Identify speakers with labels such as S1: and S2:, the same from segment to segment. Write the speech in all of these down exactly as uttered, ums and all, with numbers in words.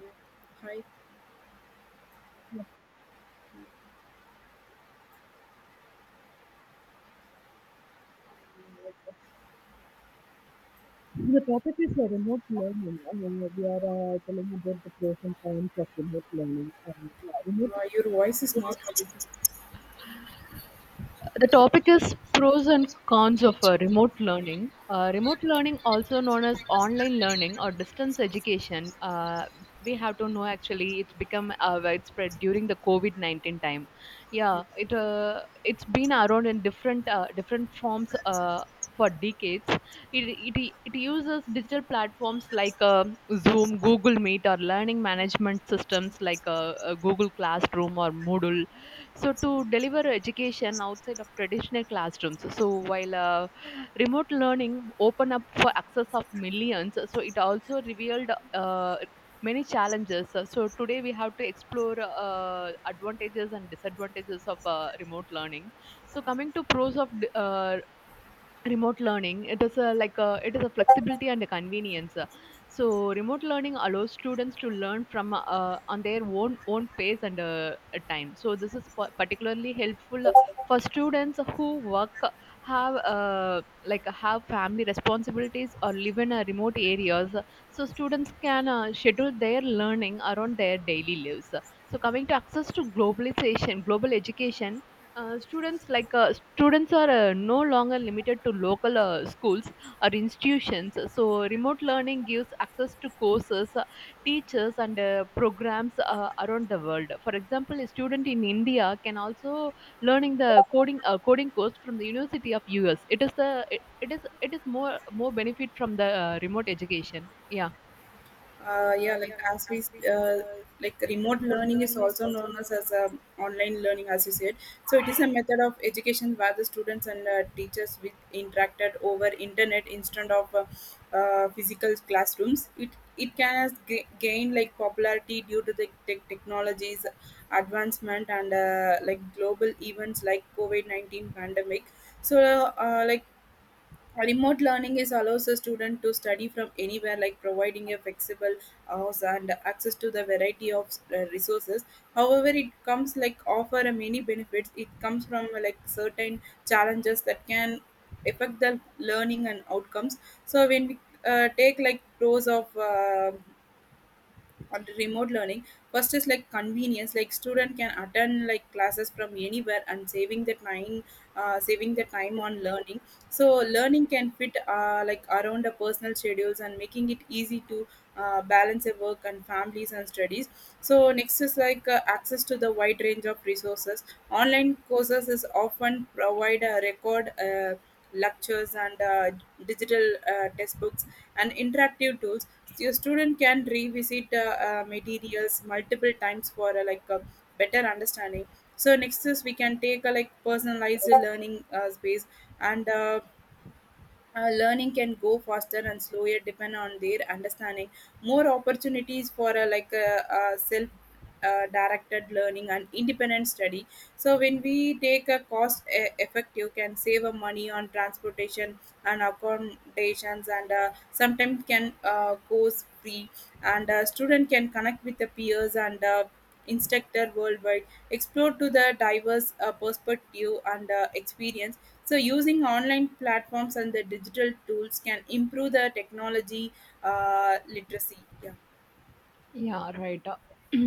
S1: Yeah. Hi, uh, your voice is not audible.
S2: The topic is pros and cons of uh, remote learning. Uh, remote learning, also known as online learning or distance education, uh, we have to know actually it's become uh, widespread during the COVID nineteen time. Yeah, it uh, it's been around in different uh, different forms uh, for decades. It, it it uses digital platforms like uh, Zoom, Google Meet, or learning management systems like uh, uh, Google Classroom or Moodle, so, to deliver education outside of traditional classrooms. So while uh, remote learning opened up for access of millions, so it also revealed uh, many challenges. So today we have to explore uh, advantages and disadvantages of uh, remote learning. So, coming to pros of uh, remote learning, it is a like a it is a flexibility and a convenience. So remote learning allows students to learn from uh, on their own own pace and uh, time. So this is pa- particularly helpful for students who work, have uh, like have family responsibilities, or live in uh, remote areas. So students can uh, schedule their learning around their daily lives. So coming to access to globalization, global education, uh, students like uh, students are uh, no longer limited to local uh, schools or institutions. So remote learning gives access to courses, uh, teachers, and uh, programs uh, around the world. For example, a student in India can also learning the coding uh, coding course from the University of US. It is the it, it is it is more more benefit from the uh, remote education. Yeah.
S1: Uh, yeah, like as we, uh, like remote learning is also known as, as um online learning, as you said. So it is a method of education where the students and uh, teachers with interacted over internet instead of uh, uh, physical classrooms. It it can has g- gain like popularity due to the tech technologies advancement and uh, like global events like COVID nineteen pandemic. So uh, like remote learning is allows a student to study from anywhere, like providing a flexible hours and access to the variety of uh, resources. However, it comes like offer a many benefits. It comes from uh, like certain challenges that can affect the learning and outcomes. So when we uh, take like pros of uh, on the remote learning, first is like convenience, like student can attend like classes from anywhere and saving the time, uh, saving the time on learning, so learning can fit uh, like around the personal schedules and making it easy to uh, balance a work and families and studies. So next is like uh, access to the wide range of resources. Online courses is often provide a record uh, lectures and uh, digital uh, textbooks and interactive tools. So your student can revisit uh, uh, materials multiple times for uh, like a better understanding. So next is we can take a like personalized learning uh, space and uh, uh, learning can go faster and slower depend on their understanding, more opportunities for uh, like a, uh uh, self uh, directed learning and independent study. So when we take a cost e- effective, can save a money on transportation and accommodations and uh, sometimes can uh, goes free, and uh, student can connect with the peers and uh, instructor worldwide, explore to the diverse uh, perspective and uh, experience. So, using online platforms and the digital tools can improve the technology uh, literacy. Yeah.
S2: Yeah, right.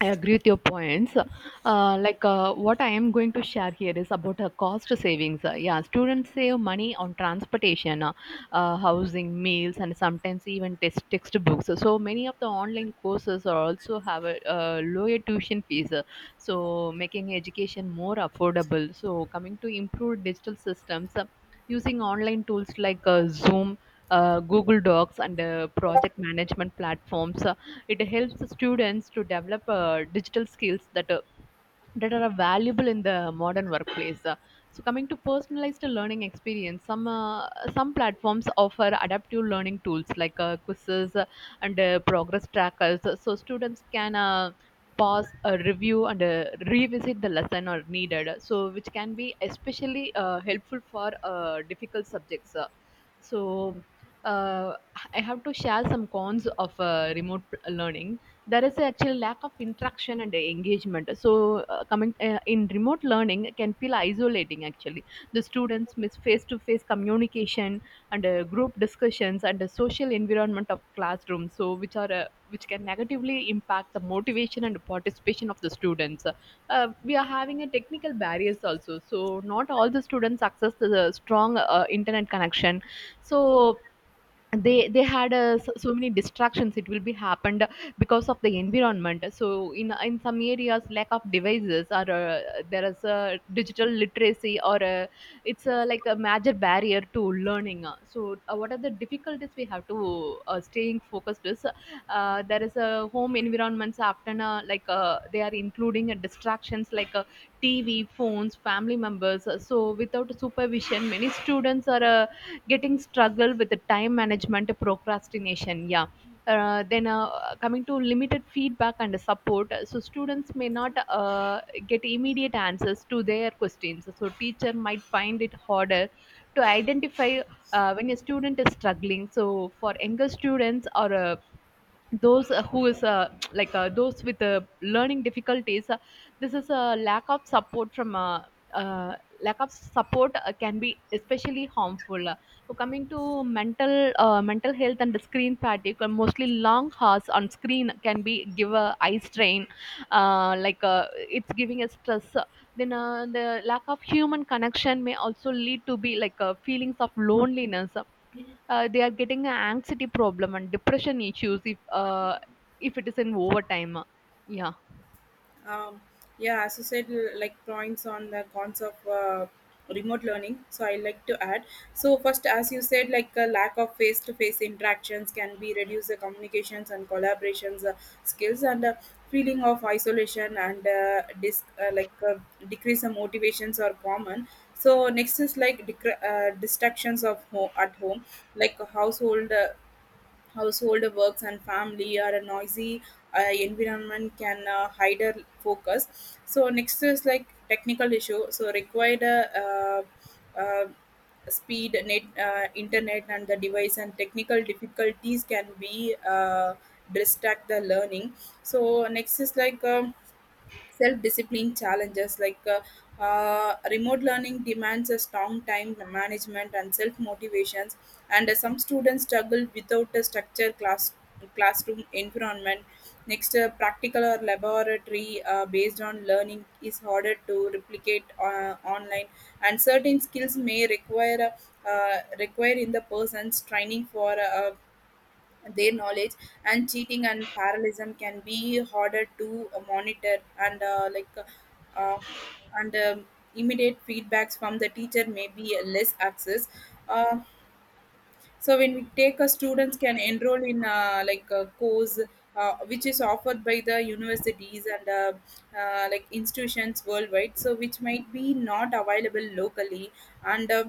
S2: I agree with your points. Uh, like uh, what I am going to share here is about uh, cost savings. Uh, yeah, students save money on transportation, uh, uh, housing, meals, and sometimes even test- textbooks. So many of the online courses are also have a uh, lower tuition fees, uh, so making education more affordable. So coming to improved digital systems, uh, using online tools like uh, Zoom, Uh, Google Docs, and uh, project management platforms uh, it helps students to develop uh, digital skills that uh, that are valuable in the modern workplace. Uh, so coming to personalized learning experience, some uh, some platforms offer adaptive learning tools like uh, quizzes uh, and uh, progress trackers, so students can. Uh, pause, a review, and uh, revisit the lesson or needed, so which can be especially uh, helpful for uh, difficult subjects. Uh, so uh, I have to share some cons of uh, remote learning. There is actually lack of interaction and engagement. So uh, coming uh, In remote learning can feel isolating actually. The students miss face to face communication and uh, group discussions and the social environment of classroom, so which are uh, which can negatively impact the motivation and participation of the students. Uh, we are having a technical barriers also, so not all the students access the, the strong uh, internet connection. So they they had uh, s- so many distractions, it will be happened because of the environment. So in in some areas lack of devices, or uh, there is a digital literacy, or uh, it's a, like a major barrier to learning. So uh, what are the difficulties we have to uh, staying focused is, uh, there is a home environments often uh, like uh, they are including uh, distractions like uh, TV, phones, family members. So without supervision many students are uh, getting struggle with the time management, procrastination. Yeah. uh, then uh, Coming to limited feedback and support, so students may not uh, get immediate answers to their questions. So teacher might find it harder to identify uh, when a student is struggling. So for younger students, or uh, those uh, who is uh, like uh, those with uh, learning difficulties, uh, this is a lack of support from uh, uh, lack of support uh, can be especially harmful. Uh, so coming to mental uh, mental health and screen fatigue, uh, mostly long hours on screen can be give a eye strain, uh, like uh, it's giving a stress. Then uh, the lack of human connection may also lead to be like uh, feelings of loneliness. Uh, they are getting an anxiety problem and depression issues if uh, if it is in overtime. Yeah.
S1: um, yeah, as you said, l- like points on the cons of uh, remote learning, so I like to add. So first, as you said, like a lack of face-to-face interactions can be reduce the communications and collaborations uh, skills and uh, feeling of isolation and uh, dis- uh, like uh, decrease of motivations are common. So next is like dec- uh, distractions of ho- at home, like household uh, household works and family or a noisy uh, environment can uh, hinder focus. So next is like technical issue, so required uh, uh, uh, speed net uh, internet and the device and technical difficulties can be uh, distract the learning. So next is like um, self-discipline challenges, like uh, uh, remote learning demands a strong time management and self-motivations, and uh, some students struggle without a structured class classroom environment. Next, uh, practical or laboratory uh, based on learning is harder to replicate uh, online, and certain skills may require uh, uh, require in the person's training for uh, their knowledge. And cheating and parallelism can be harder to uh, monitor and uh, like uh, uh, and um, immediate feedbacks from the teacher may be less access. uh, so when we take a, students can enroll in uh, like a course uh, which is offered by the universities and uh, uh, like institutions worldwide, so which might be not available locally. And uh,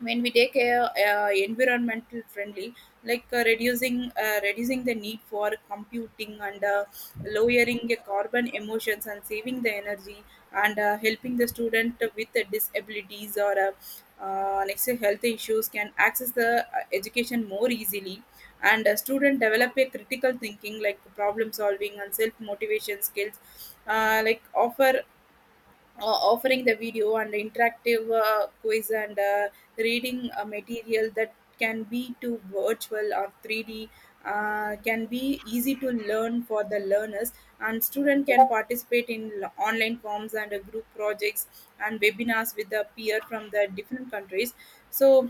S1: when we take a, uh environmental friendly, like uh, reducing uh, reducing the need for computing and uh, lowering the carbon emissions and saving the energy, and uh, helping the student with the disabilities or uh, uh, next to health issues can access the uh, education more easily, and a student develop a critical thinking like problem solving and self motivation skills. uh, like offer uh, Offering the video and interactive uh, quiz and uh, reading uh, material that can be to virtual or three d uh, can be easy to learn for the learners, and student can participate in l- online forms and uh, group projects and webinars with the peer from the different countries. so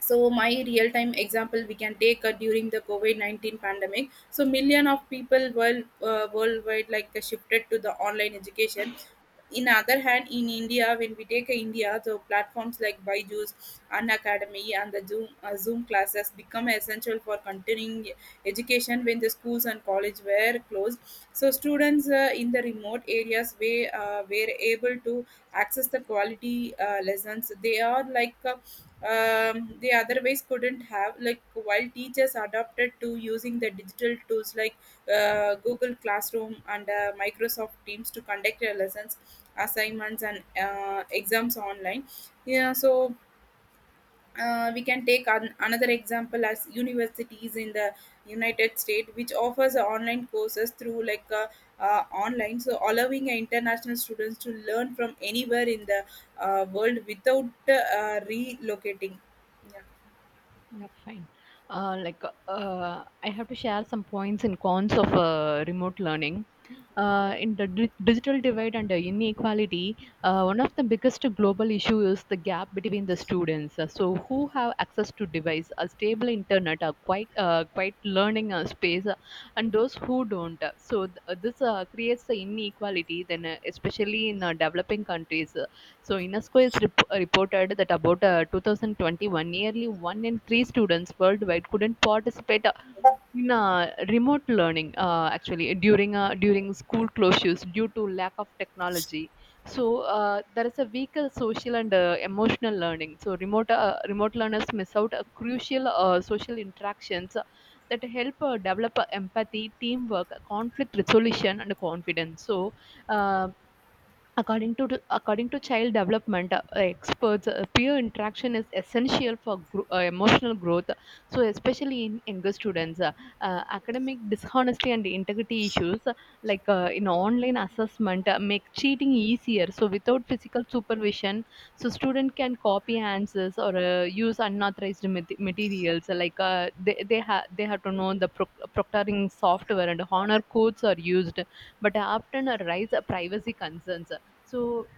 S1: so my real time example, we can take uh, during the covid nineteen pandemic, so million of people world, uh, worldwide like uh, shifted to the online education. In other hand, in india, when we take uh, india the platforms like byju's, unacademy and the zoom uh, zoom classes become essential for continuing education when the schools and college were closed. So students uh, in the remote areas we uh, were able to access the quality uh, lessons they are like uh, um, they otherwise couldn't have, like while teachers adapted to using the digital tools like uh, google classroom and uh, microsoft teams to conduct their lessons, assignments and uh, exams online. Yeah. So uh, we can take an, another example as universities in the united states which offers online courses through like uh, uh, online, so allowing international students to learn from anywhere in the uh, world without uh, relocating. Yeah.
S2: Yeah, fine. Uh, like, uh, I have to share some points and cons of uh, remote learning. Uh, in the di- digital divide and the inequality, uh, one of the biggest global issue is the gap between the students. Uh, So, who have access to device, a stable internet, a quite uh, quite learning uh, space, uh, and those who don't. Uh, So, th- uh, this uh, creates the inequality. Then, uh, especially in uh, developing countries, so UNESCO is rep- reported that about uh, two thousand twenty-one, nearly one in three students worldwide couldn't participate uh, in uh, remote learning. Uh, actually, during uh, during school closures due to lack of technology, so uh, there is a weaker social and uh, emotional learning. So remote uh, remote learners miss out uh, crucial uh, social interactions that help uh, develop uh, empathy, teamwork, conflict resolution, and confidence. So uh, According to, According to child development uh, experts, uh, peer interaction is essential for gro- uh, emotional growth. So, especially in younger students. Uh, uh, academic dishonesty and integrity issues, uh, like uh, in online assessment uh, make cheating easier. So, without physical supervision, so student can copy answers, or uh, use unauthorized mat- materials. Uh, Like uh, they they have they have to know the proc- proctoring software and honor codes are used, but often arise privacy concerns. So,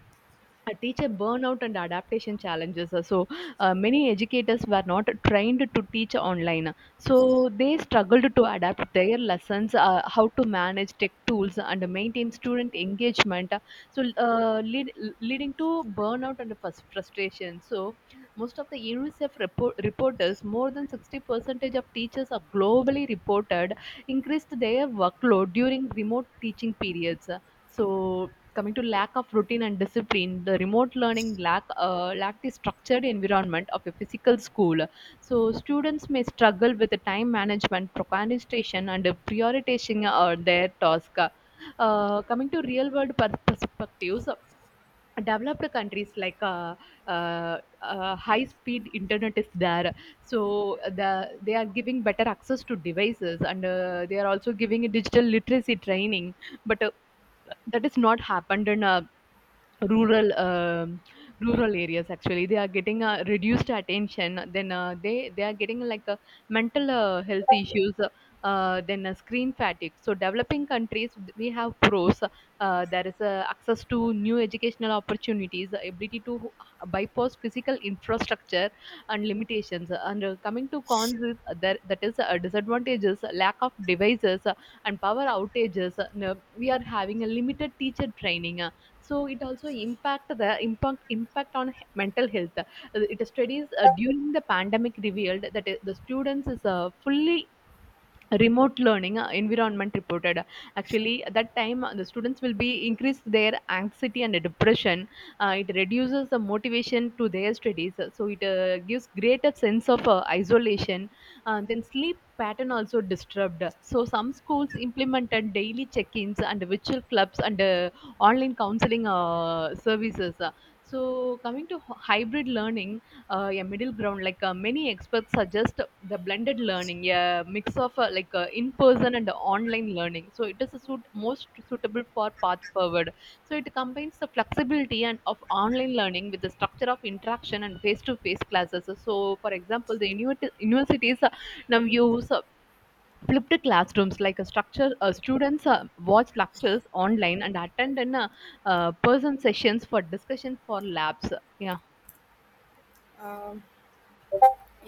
S2: a teacher burnout and adaptation challenges. So, uh, many educators were not trained to teach online. So, they struggled to adapt their lessons, uh, how to manage tech tools, and maintain student engagement. So, uh, lead, Leading to burnout and frus- frustration. So, most of the UNICEF report, reporters, more than sixty percentage of teachers are globally reported, increased their workload during remote teaching periods. So, coming to lack of routine and discipline, the remote learning lack uh, lack the structured environment of a physical school. So students may struggle with the time management, procrastination, and uh, prioritizing uh, their task. Uh, coming to real world pers- perspectives, developed countries, like uh, uh, uh, high speed internet is there. So the they are giving better access to devices, and uh, they are also giving a digital literacy training. But uh, that is not happened in uh, rural um, rural areas. Actually they are getting uh, reduced attention. Then uh, they they are getting like uh, mental uh, health issues, uh, then uh, screen fatigue. So developing countries we have pros. Uh, there is uh, access to new educational opportunities, the ability to bypass physical infrastructure and limitations. And uh, coming to cons is, uh, there that is uh, disadvantages, lack of devices uh, and power outages. Uh, no, we are having a limited teacher training, uh, so it also impact the impact impact on he- mental health. Uh, it studies uh, during the pandemic revealed that uh, the students is uh, fully remote learning uh, environment reported. Actually at that time uh, the students will be increase their anxiety and depression. Uh, it reduces the motivation to their studies. Uh, so it uh, gives greater sense of uh, isolation. Uh, then Sleep pattern also disturbed. So some schools implemented daily check-ins and virtual clubs, and uh, online counseling uh, services. Uh, so coming to hy- hybrid learning, uh, yeah, middle ground. Like uh, many experts suggest the blended learning, yeah, mix of uh, like uh, in-person and online learning. So it is a suit most suitable for path forward. So it combines the flexibility and of online learning with the structure of interaction and face-to-face classes. So, for example, the universi- universities uh, now use uh, flipped classrooms like a structure. Uh, students uh, watch lectures online and attend in uh, uh, person sessions for discussion for labs. Yeah.
S1: Um,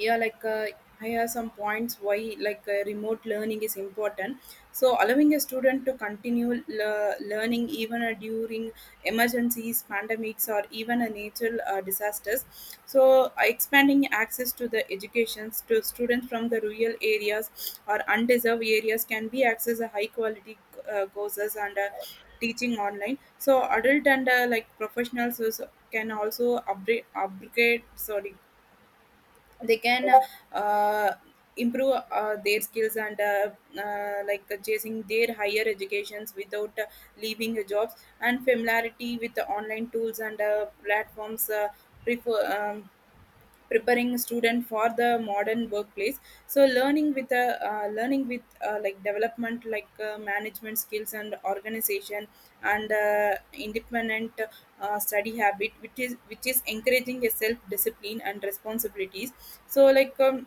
S1: yeah like uh, I have some points why like uh, remote learning is important. So allowing a student to continue le- learning even uh, during emergencies, pandemics, or even a natural uh, disasters. So uh, expanding access to the educations to students from the rural areas or undeserved areas can be access a high quality uh, courses and uh, teaching online. So adult and uh, like professionals also can also upgrade upgrade, sorry, they can uh, improve uh, their skills and uh, uh, like uh, chasing their higher educations without uh, leaving the jobs, and familiarity with the online tools and uh, platforms uh, prefer, um, preparing student for the modern workplace. So learning with a uh, learning with uh, like development like uh, management skills and organization and uh, independent uh, study habit, which is which is encouraging a self discipline and responsibilities. So like um,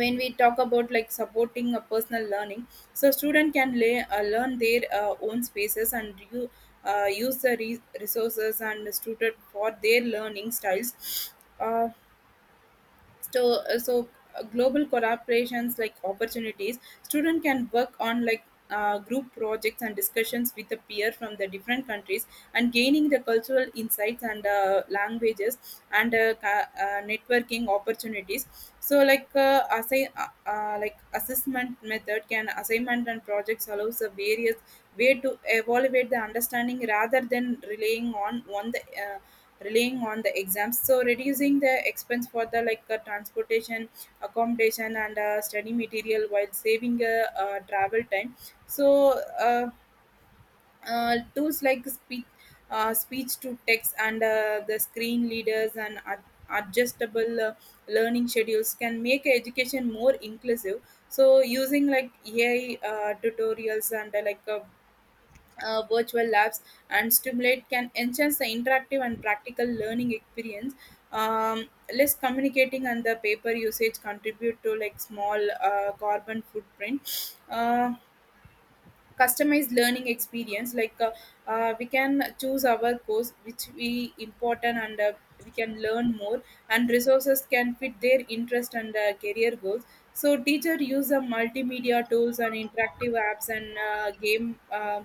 S1: when we talk about like supporting a personal learning, so student can lay, uh, learn their uh, own spaces and you uh, use the re- resources and suited for their learning styles. uh, so uh, so uh, Global collaborations like opportunities, student can work on like uh, group projects and discussions with a peer from the different countries, and gaining the cultural insights and uh, languages and uh, ca- uh, networking opportunities. So like uh, assi- uh, uh, like assessment method can assignment and projects allows the various way to evaluate the understanding rather than relying on one the uh, relying on the exams. So reducing the expense for the like uh, transportation, accommodation and uh, study material while saving uh, uh, travel time. So uh, uh, tools like speech uh, speech to text and uh, the screen readers and ad- adjustable uh, learning schedules can make education more inclusive. So using like ai uh, tutorials and uh, like uh, uh, virtual labs and stimulate can enhance the interactive and practical learning experience. um, Less communicating and the paper usage contribute to like small uh, carbon footprint. Uh, customized learning experience, like uh, uh, we can choose our course which we important, and uh, we can learn more, and resources can fit their interest and uh, career goals. So teacher use uh, multimedia tools and interactive apps and uh, game uh,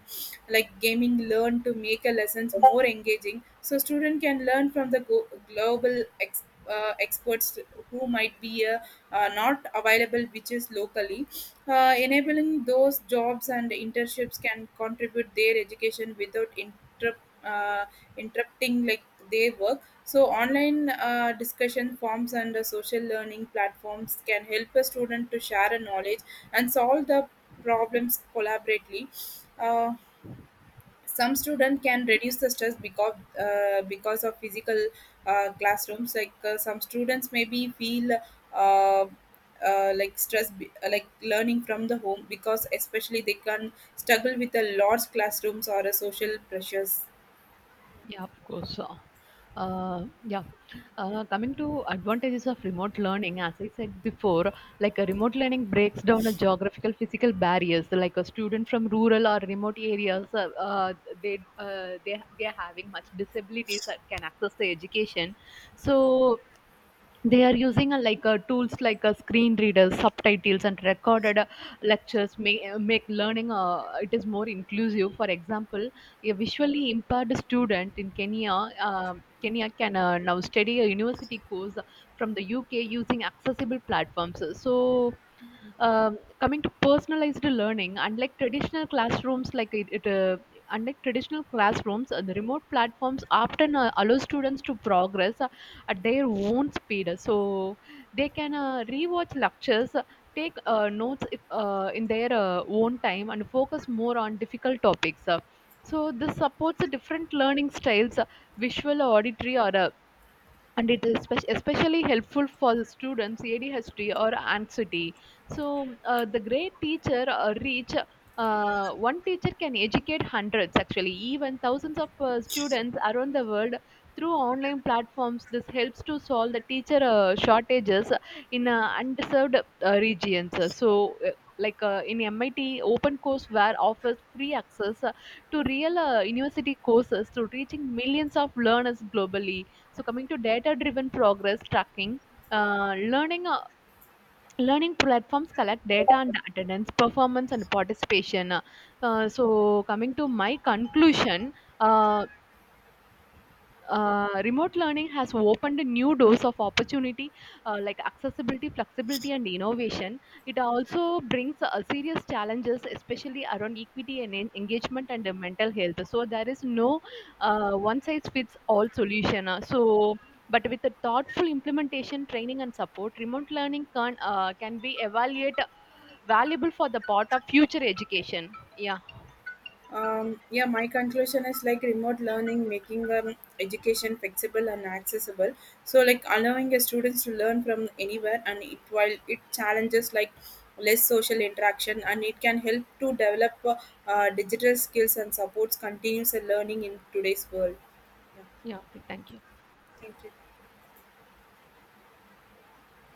S1: like gaming learn to make a lessons more engaging. So student can learn from the go- global ex- uh, experts who might be uh, uh, not available which is locally. Uh, enabling those jobs and internships can contribute their education without interrupt, uh, interrupting like their work. So online uh, discussion forums and uh, social learning platforms can help a student to share a knowledge and solve the problems collaboratively. Uh, some student can reduce the stress because uh, because of physical uh, classrooms, like uh, some students maybe feel uh, uh, like stress be- uh, like learning from the home because especially they can struggle with a large classrooms or a social pressures.
S2: Yeah, of course. Uh, uh, yeah. Uh, coming to advantages of remote learning, as I said before, like a remote learning breaks down a geographical physical barriers. Like a student from rural or remote areas, uh, uh, they uh, they they are having much disabilities that can access the education. So they are using a, like a, tools like a screen readers, subtitles, and recorded uh, lectures make, make learning uh, it is more inclusive. For example, a visually impaired student in kenya uh, Kenya can uh, now study a university course from the UK using accessible platforms. So um, coming to personalized learning, unlike traditional classrooms, like it, it uh, unlike traditional classrooms, uh, the remote platforms often uh, allow students to progress uh, at their own speed. So they can uh, rewatch lectures, uh, take uh, notes if, uh, in their uh, own time, and focus more on difficult topics. Uh, so this supports uh, different learning styles, uh, visual, auditory, or uh, and it is spe- especially helpful for the students A D H D or anxiety. So uh, the great teacher uh, reach uh, One teacher can educate hundreds, actually even thousands of uh, students around the world through online platforms. This helps to solve the teacher uh, shortages in uh, underserved uh, regions. So. Uh, like uh, in M I T, open courseware offers free access uh, to real uh, university courses, to reaching millions of learners globally. So coming to data-driven progress tracking, uh, learning uh, learning platforms collect data on attendance, performance, and participation. Uh, so coming to my conclusion, uh, uh, remote learning has opened new doors of opportunity, uh, like accessibility, flexibility, and innovation. It also brings uh, serious challenges, especially around equity and en- engagement and uh, mental health. So there is no uh, one size fits all solution. Uh, so but with a thoughtful implementation, training, and support, remote learning can uh, can be evaluated valuable for the part of future education. Yeah.
S1: Um, yeah, my conclusion is like remote learning, making um, education flexible and accessible. So like allowing your students to learn from anywhere, and it while it challenges like less social interaction, and it can help to develop uh, uh, digital skills and supports continuous learning in today's world. Yeah,
S2: Yeah, okay, thank you.
S1: thank you.